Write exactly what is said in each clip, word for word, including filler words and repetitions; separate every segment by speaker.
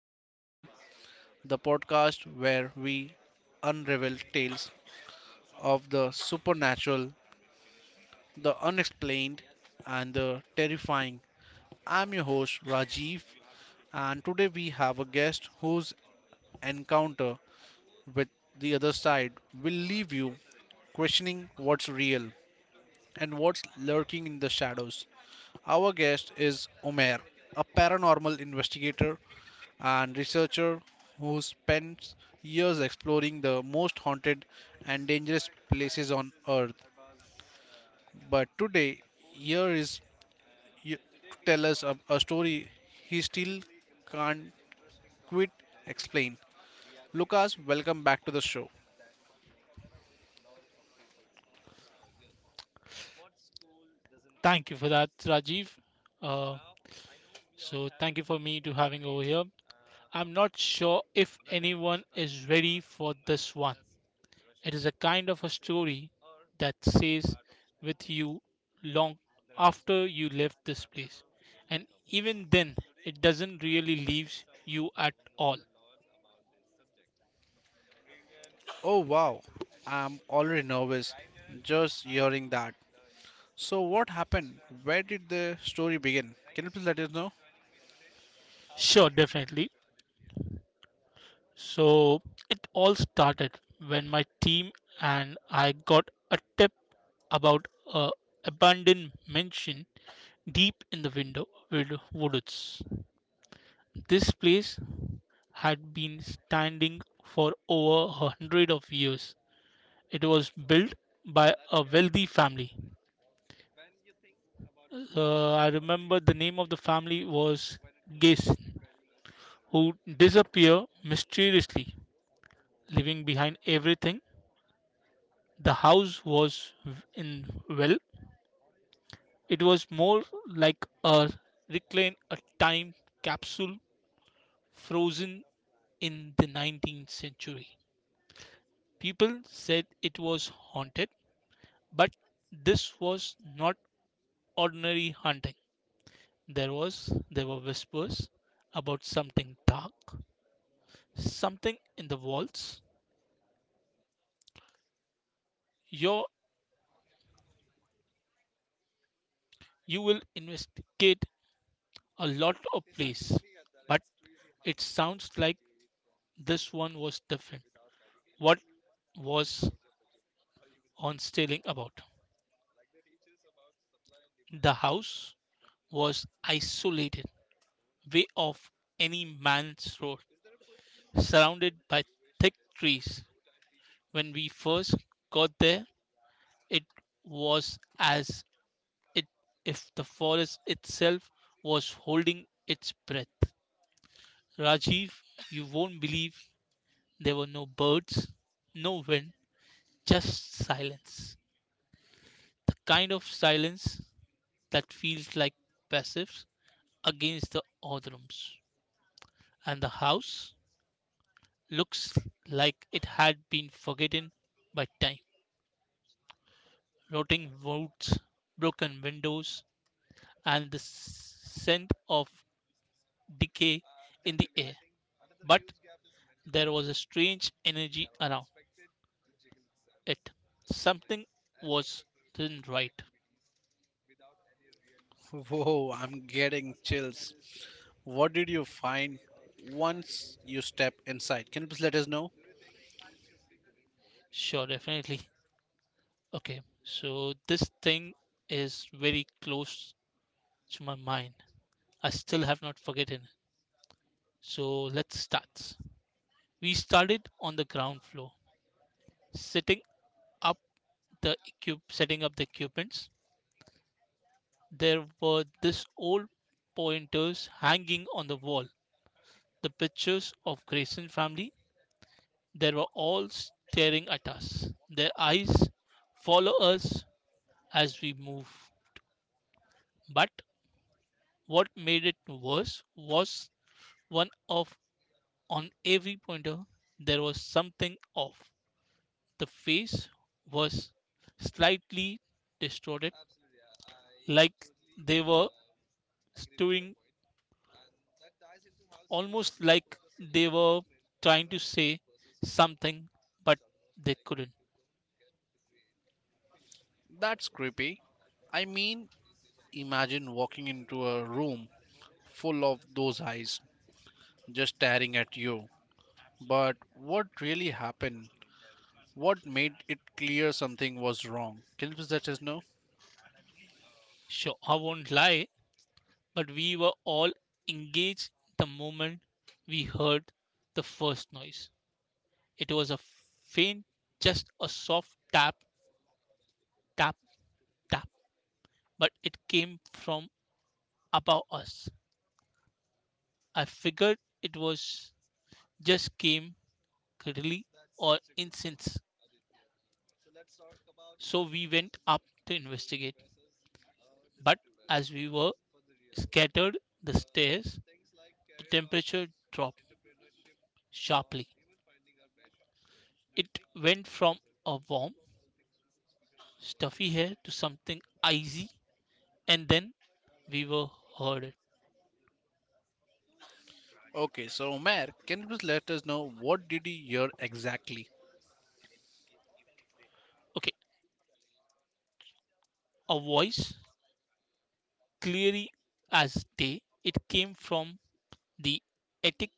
Speaker 1: the Unseen, the podcast where we unravel tales of the supernatural, the unexplained, and the terrifying. I'm your host Rajiv, and today we have a guest whose encounter with the other side will leave you questioning what's real and what's lurking in the shadows. Our guest is Omer, a paranormal investigator and researcher who spends years exploring the most haunted and dangerous places on earth. But today, here is y- to tell us a, a story he still can't quite explain. Lucas, welcome back to the show.
Speaker 2: Thank you for that, Rajiv. Uh, so, thank you for me to having over here. I'm not sure if anyone is ready for this one. It is a kind of a story that stays with you long after you left this place, and even then, it doesn't really leaves you at all.
Speaker 1: Oh wow, I'm already nervous just hearing that. So, what happened? Where did the story begin? Can you please let us know?
Speaker 2: Sure, definitely. So it all started when my team and I got a tip about a abandoned mansion deep in the window with woods. This place had been standing for over a hundred of years. It was built by a wealthy family. Uh, I remember the name of the family was Gason, who disappeared mysteriously, leaving behind everything. The house was v- in well, it was more like a reclaim a time capsule frozen in the nineteenth century. People said it was haunted, but this was not ordinary haunting. There was there were whispers about something dark, something in the walls. Your you will investigate a lot of place, but it sounds like this one was different. What was on stealing about? The house was isolated, way off any man's road, surrounded by thick trees. When we first got there, it was as it, if the forest itself was holding its breath. Rajiv, you won't believe there were no birds, no wind, just silence. The kind of silence that feels like passives against the Orthrums, and the house looks like it had been forgotten by time. Rotting woods, broken windows, and the scent of decay in the air. But there was a strange energy around it. Something was Didn't right.
Speaker 1: Whoa, I'm getting chills. What did you find once you step inside? Can you please let us know?
Speaker 2: Sure, definitely. Okay, so this thing is very close to my mind. I still have not forgotten. So let's start. We started on the ground floor, setting up the equip, setting up the equipments. There were these old pointers hanging on the wall, the pictures of Grayson family. They were all staring at us. Their eyes follow us as we move. But what made it worse was one of on every pointer there was something off. The face was slightly distorted, like they were stewing, almost like they were trying to say something, but they couldn't.
Speaker 1: That's creepy. I mean, imagine walking into a room full of those eyes just staring at you. But what really happened? What made it clear something was wrong? Can you please let us know?
Speaker 2: Sure, I won't lie, but we were all engaged the moment we heard the first noise. It was a faint, just a soft tap, tap, tap, but it came from above us. I figured it was just came curly or incense. So we went up to investigate. But as we were scattered the stairs, the temperature dropped sharply. It went from a warm, stuffy hair to something icy, and then we were heard.
Speaker 1: Okay, so Omer, can you please let us know what did you hear exactly?
Speaker 2: Okay, a voice, clearly as day, it came from the attic,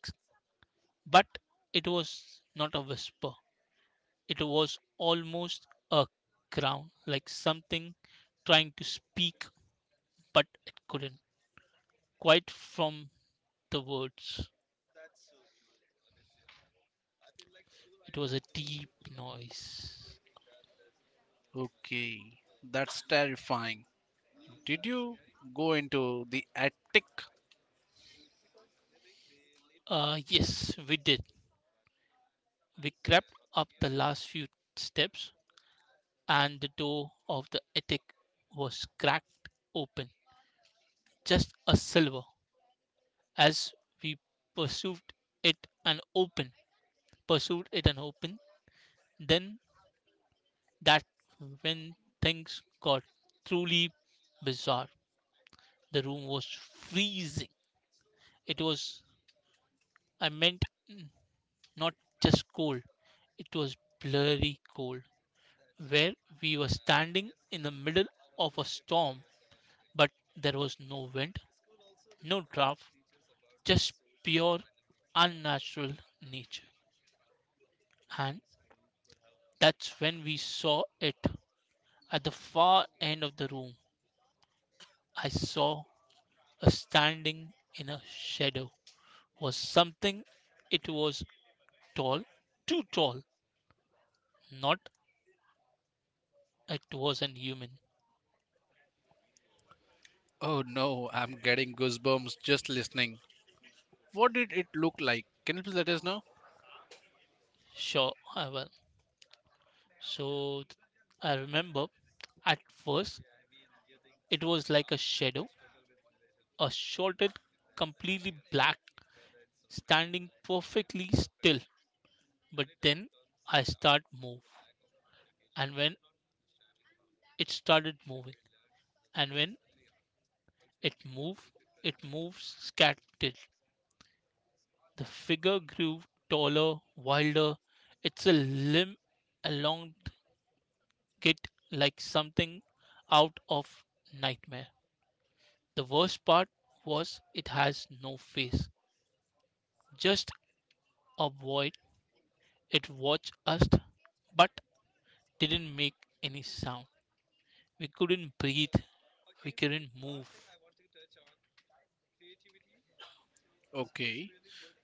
Speaker 2: but it was not a whisper. It was almost a crown, like something trying to speak, but it couldn't. Quite from the words, it was a deep noise.
Speaker 1: Okay, that's terrifying. Did you go into the attic?
Speaker 2: Uh, yes, we did. We crept up the last few steps, and the door of the attic was cracked open, just a silver. As we pursued it and open, pursued it and open, then that when things got truly bizarre. The room was freezing. It was, I meant, not just cold, it was blurry cold, where we were standing in the middle of a storm, but there was no wind, no draft, just pure, unnatural nature. And that's when we saw it. At the far end of the room, I saw a standing in a shadow. Was something. It was tall, too tall. Not it wasn't human.
Speaker 1: Oh no, I'm getting goosebumps just listening. What did it look like? Can you please let us know?
Speaker 2: Sure, I will. So th- I remember at first it was like a shadow, a shorted, completely black, standing perfectly still. But then I start move, and when it started moving, and when it moved, it moved scattered. The figure grew taller, wilder, its a limb elongate like something out of nightmare. The worst part was it has no face, just a void. It watched us but didn't make any sound. We couldn't breathe, we couldn't move.
Speaker 1: Okay.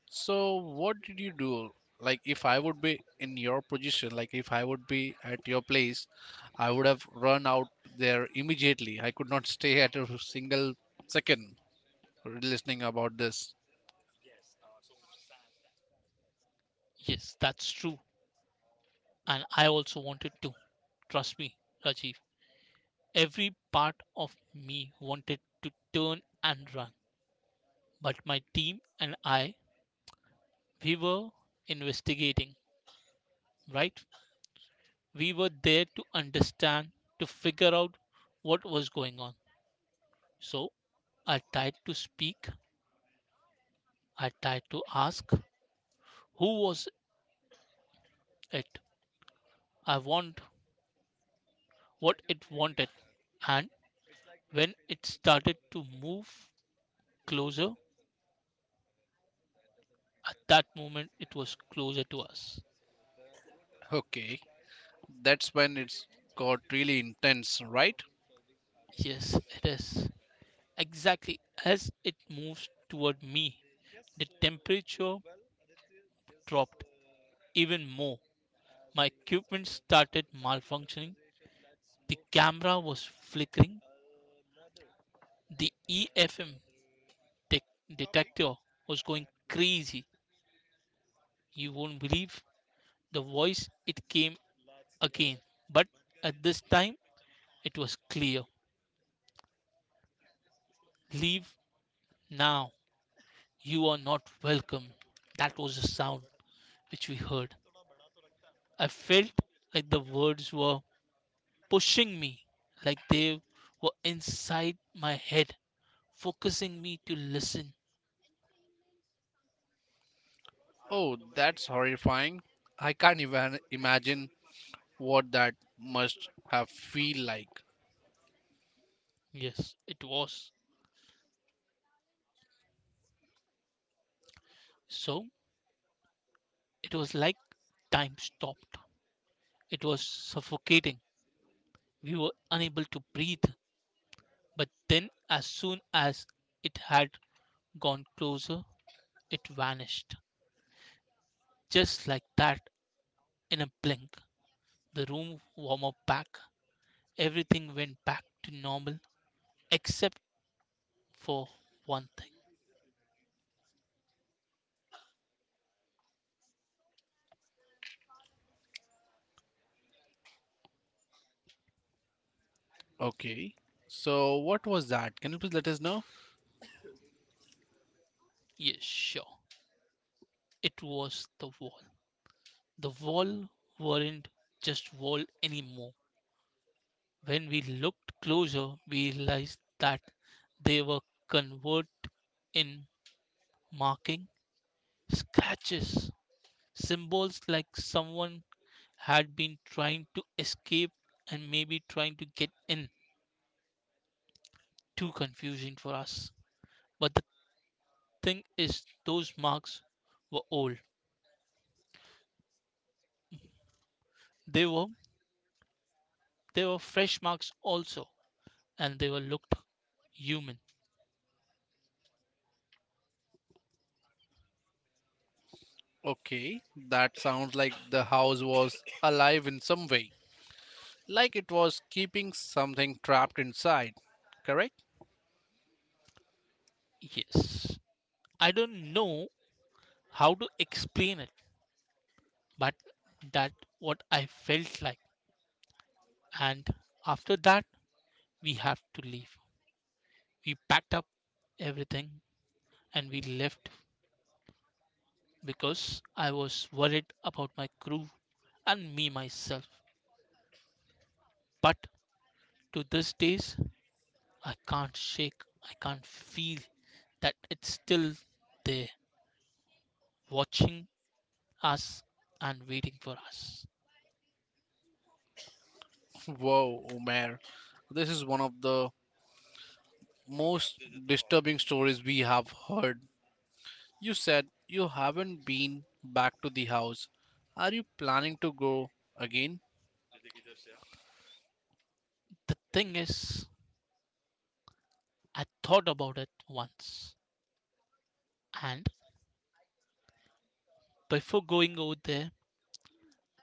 Speaker 1: So what did you do? Like if I would be in your position, like if I would be at your place, I would have run out there immediately. I could not stay at a single second listening about this.
Speaker 2: Yes, that's true. And I also wanted to. Trust me, Rajiv. Every part of me wanted to turn and run, but my team and I, we were investigating, right? We were there to understand, to figure out what was going on. So I tried to speak, I tried to ask who was it? I want what it wanted. And when it started to move closer, at that moment it was closer to us.
Speaker 1: Okay. That's when it's got really intense, right?
Speaker 2: Yes, it is. Exactly as it moves toward me, the temperature dropped even more. My equipment started malfunctioning. The camera was flickering. The E F M de- detector was going crazy. You won't believe the voice, it came again. But at this time, it was clear. Leave now. You are not welcome. That was the sound which we heard. I felt like the words were pushing me like they were inside my head, focusing me to listen.
Speaker 1: Oh, that's horrifying. I can't even imagine what that must have feel like.
Speaker 2: Yes, it was. So it was like time stopped. It was suffocating. We were unable to breathe. But then, as soon as it had gone closer, it vanished. Just like that, in a blink, the room warmed back. Everything went back to normal except for one thing.
Speaker 1: Okay. So what was that? Can you please let us know?
Speaker 2: Yes, sure. It was the wall. The wall weren't just wall anymore. When we looked closer, we realized that they were covered in marking, scratches, symbols like someone had been trying to escape and maybe trying to get in. Too confusing for us. But the thing is, those marks were old. They were they were fresh marks also, and they were looked human.
Speaker 1: Okay, that sounds like the house was alive in some way. Like it was keeping something trapped inside. Correct?
Speaker 2: Yes. I don't know how to explain it, but that what I felt like. And after that, we have to leave. We packed up everything and we left because I was worried about my crew and me myself. But to this days, I can't shake. I can't feel that it's still there watching us and waiting for us.
Speaker 1: Whoa, Omer. This is one of the most disturbing stories we have heard. You said you haven't been back to the house. Are you planning to go again?
Speaker 2: The thing is, I thought about it once, and before going over there,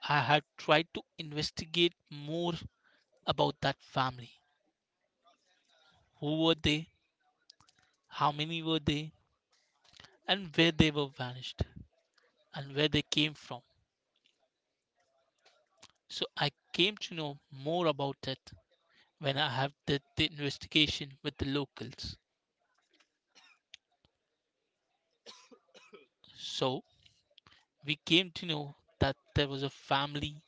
Speaker 2: I had tried to investigate more about that family. Who were they? How many were they? And where they were vanished and where they came from. So I came to know more about it when I have did the investigation with the locals. So we came to know that there was a family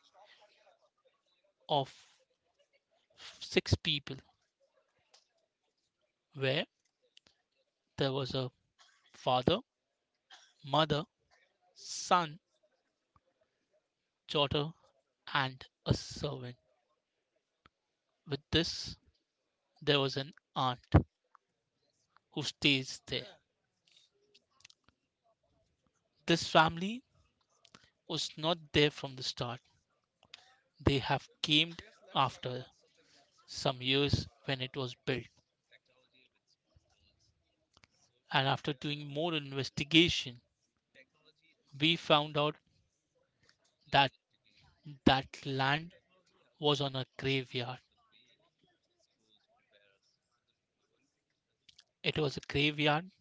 Speaker 2: of six people where there was a father, mother, son, daughter, and a servant. With this, there was an aunt who stays there. This family was not there from the start. They have came after some years when it was built. And after doing more investigation, we found out that that land was on a graveyard. It was a graveyard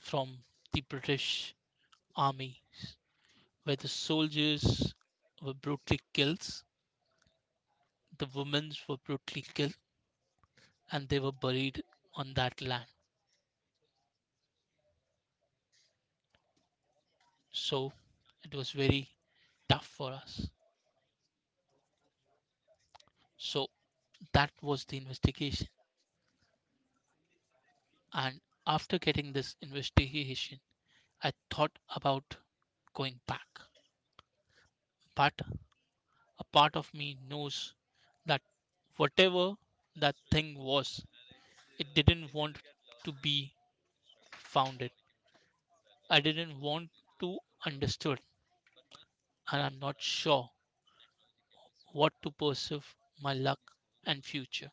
Speaker 2: from the British army where the soldiers were brutally killed. The women were brutally killed and they were buried on that land. So it was very tough for us. So that was the investigation. And after getting this investigation, I thought about going back. But a part of me knows that whatever that thing was, it didn't want to be founded. I didn't want to understood, and I'm not sure what to perceive my luck and future.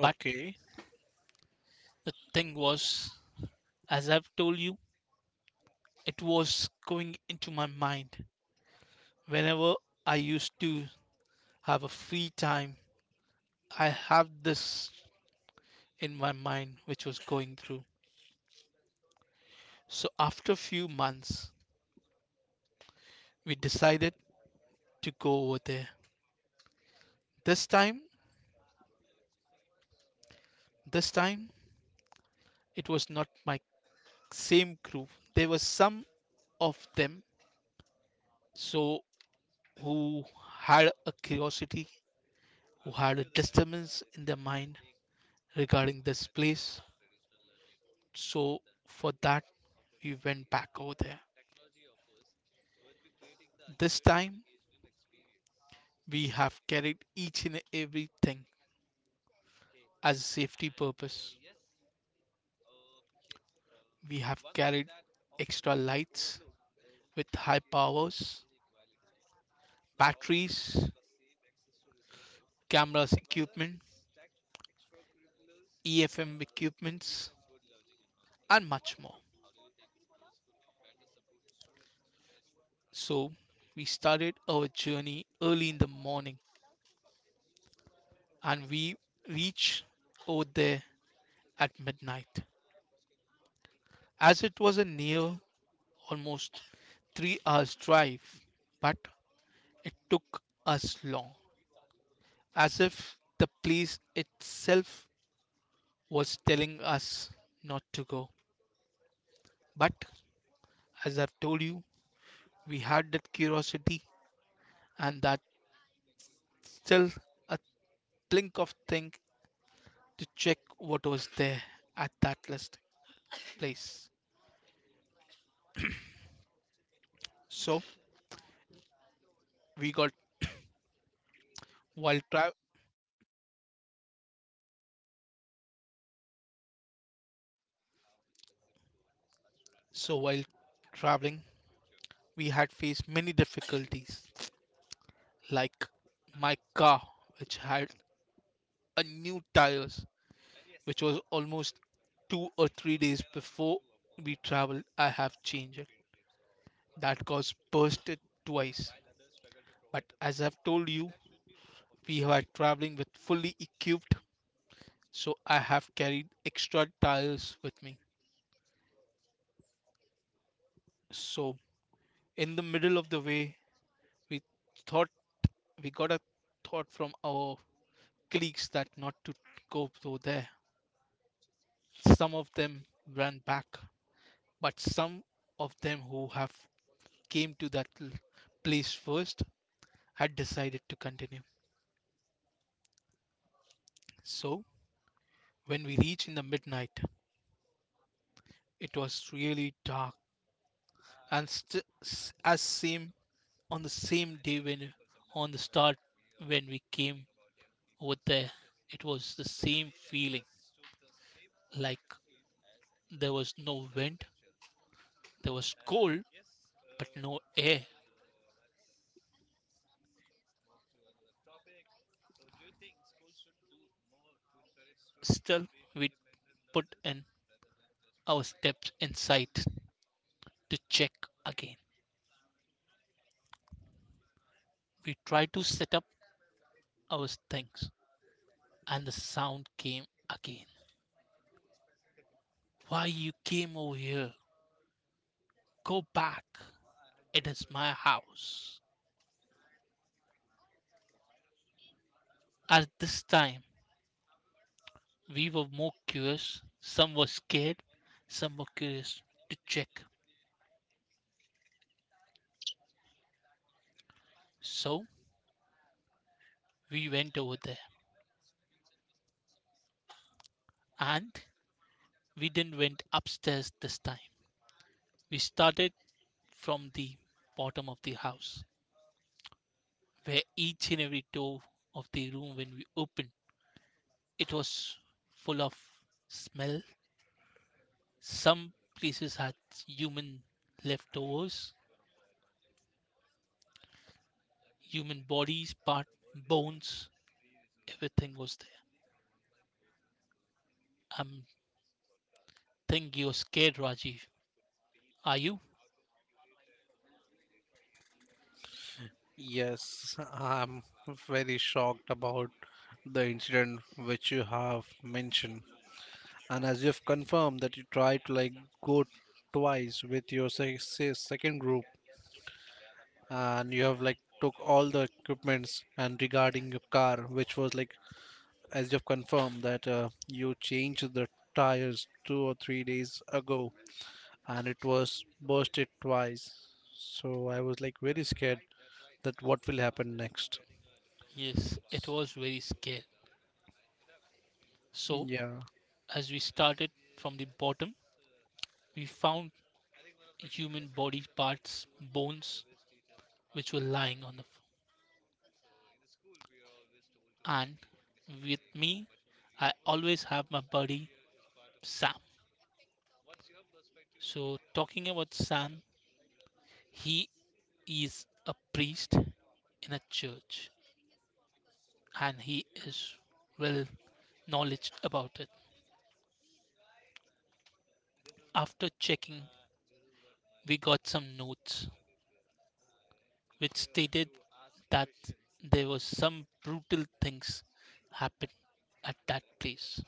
Speaker 2: But the thing was, as I've told you, it was going into my mind. Whenever I used to have a free time, I have this in my mind which was going through. So after a few months, we decided to go over there. This time, this time it was not my same crew. There were some of them so who had a curiosity who had a disturbance in their mind regarding this place. So, for that, we went back over there. This time, we have carried each and everything as a safety purpose. We have carried extra lights with high powers, batteries, cameras equipment, E F M equipments, and much more. So, we started our journey early in the morning and we reached over there at midnight. As it was a near almost three hours drive, but it took us long, as if the place itself was telling us not to go. But as I've told you, we had that curiosity and that still a blink of thing to check what was there at that last place. So we got while tra- so while traveling, we had faced many difficulties like my car, which had a new tires, which was almost two or three days before we traveled. I have changed it. That got bursted twice. But as I've told you, we were traveling with fully equipped, so I have carried extra tires with me. So in the middle of the way, we thought we got a thought from our colleagues that not to go through there. Some of them ran back, but some of them who have came to that l- place first had decided to continue. So when we reached in the midnight, it was really dark. And st- s- as same on the same day when on the start, when we came over there, it was the same feeling. Like, there was no wind, there was cold but no air. Still, we put in our steps inside to check again. We tried to set up our things, and the sound came again. Why you came over here? Go back. It is my house. At this time, we were more curious. Some were scared, some were curious to check. So we went over there, and we didn't went upstairs this time. We started from the bottom of the house, where each and every door of the room when we opened, it was full of smell. Some places had human leftovers, human bodies, part bones. Everything was there. I'm think you're scared, Rajiv. Are you?
Speaker 1: yes, I'm very shocked about the incident which you have mentioned. And as you've confirmed that you tried to, like, go twice with your se- se- second group, and you have, like, took all the equipments, and regarding your car which was like, as you've confirmed that uh, you changed the tires two or three days ago and it was bursted twice. So I was like very scared that what will happen next.
Speaker 2: Yes, it was very scared. So,
Speaker 1: Yeah.
Speaker 2: as we started from the bottom, we found human body parts, bones, which were lying on the floor. And with me, I always have my buddy Sam. So, talking about Sam, he is a priest in a church, and he is well knowledge about it. After checking, we got some notes which stated that there was some brutal things happened at that place.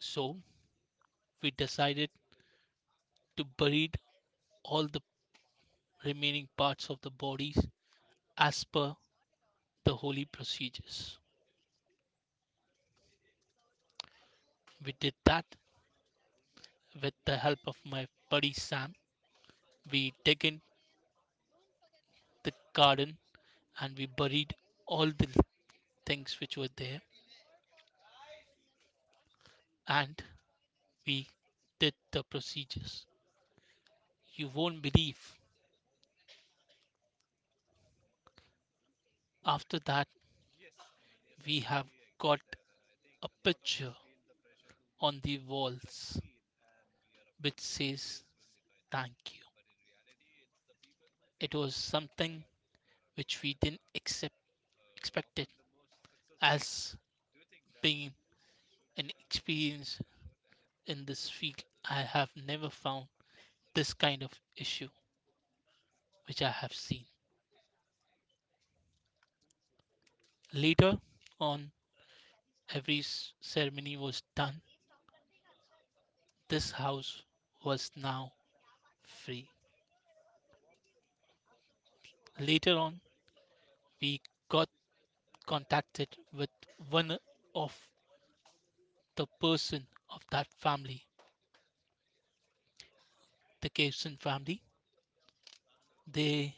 Speaker 2: So we decided to bury all the remaining parts of the bodies as per the holy procedures. We did that with the help of my buddy Sam. We dig in the garden and we buried all the things which were there, and we did the procedures. You won't believe. After that, we have got a picture on the walls which says thank you. It was something which we didn't accept, expected, as being an experience in this field. I have never found this kind of issue which I have seen. Later on, every s- ceremony was done. This house was now free. Later on, we got contacted with one of the person of that family, the Kirsten family. They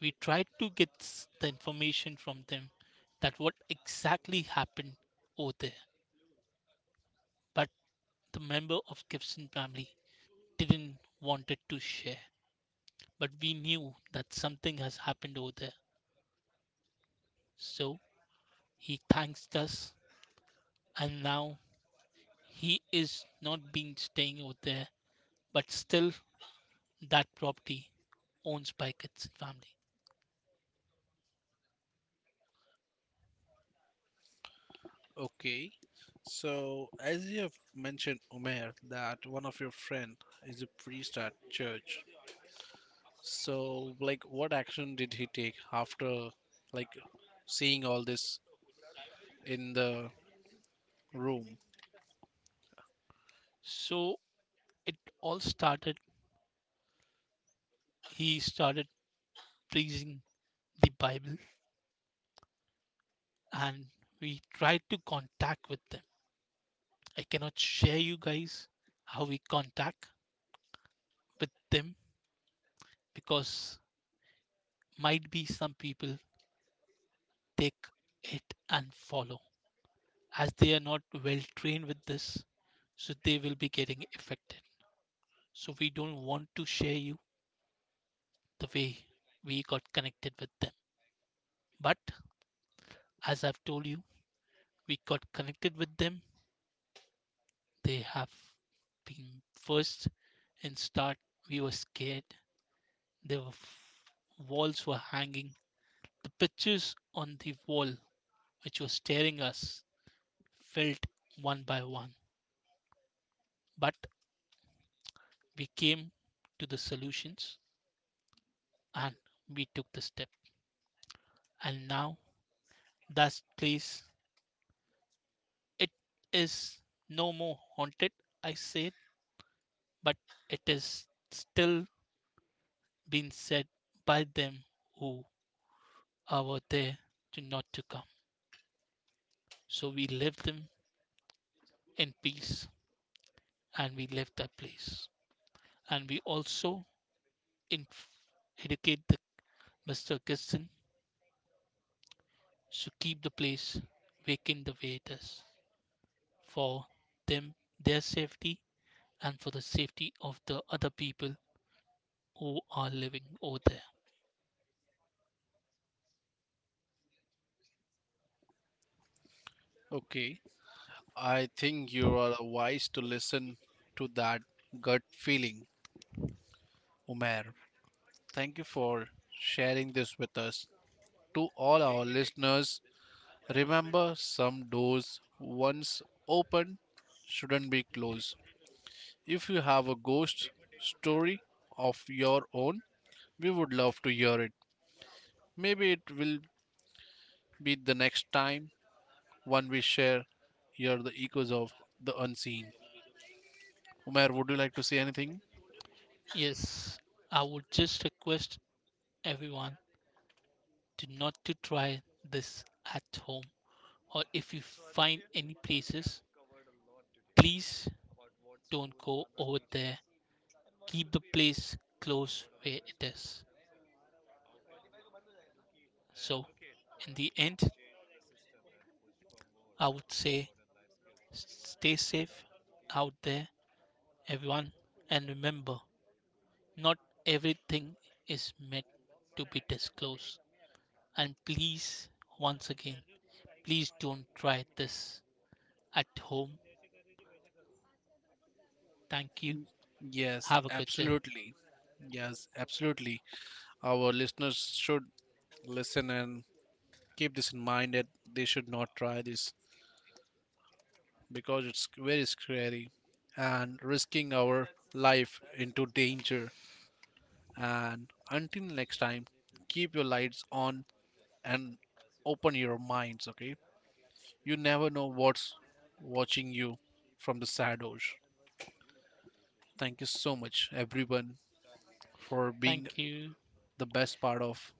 Speaker 2: We tried to get s- the information from them that what exactly happened over there, but the member of Gibson family didn't wanted to share. But we knew that something has happened over there, so he thanks us, and now he is not been staying over there, but still that property owns by kids and family.
Speaker 1: Okay, so as you have mentioned, Umair, that one of your friend is a priest at church. So, like, what action did he take after, like, seeing all this in the room?
Speaker 2: So it all started, he started preaching the Bible, and we tried to contact with them. I cannot share you guys how we contact with them, because might be some people take it and follow, as they are not well trained with this, so they will be getting affected. So we don't want to share you the way we got connected with them. But as I've told you, we got connected with them. They have been first in start. We were scared. There were walls were hanging. The pictures on the wall, which were staring us, felt one by one. But we came to the solutions, and we took the step. And now that place, it is no more haunted, I said, but it is still being said by them who are there to not to come. So we left them in peace, and we left that place. And we also in- educate the mister Kirsten to keep the place vacant the way it is, for them, their safety, and for the safety of the other people who are living over there.
Speaker 1: Okay, I think you are wise to listen to that gut feeling, Umair. Thank you for sharing this with us. To all our listeners, remember some doors once open shouldn't be closed. If you have a ghost story of your own, we would love to hear it. Maybe it will be the next time one we share here the echoes of the unseen. Umair, would you like to say anything?
Speaker 2: Yes, I would just request everyone to not to try this at home, or if you find any places, please don't go over there. Keep the place close where it is. So, in the end, I would say s- stay safe out there, everyone, and remember not everything is meant to be disclosed. And please, once again, please don't try this at home. Thank you.
Speaker 1: Yes,
Speaker 2: Have a good day.
Speaker 1: absolutely. Yes, absolutely. Our listeners should listen and keep this in mind that they should not try this because it's very scary and risking our life into danger. And until next time, keep your lights on and open your minds, okay? You never know what's watching you from the shadows. Thank you so much, everyone, for being
Speaker 2: Thank you.
Speaker 1: the best part of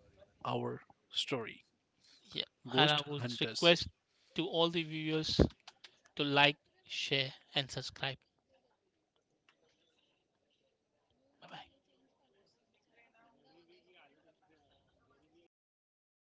Speaker 1: our story,
Speaker 2: Yeah. And I
Speaker 1: Ghost
Speaker 2: would
Speaker 1: Hunters.
Speaker 2: request to all the viewers to like, share, and subscribe. Bye bye.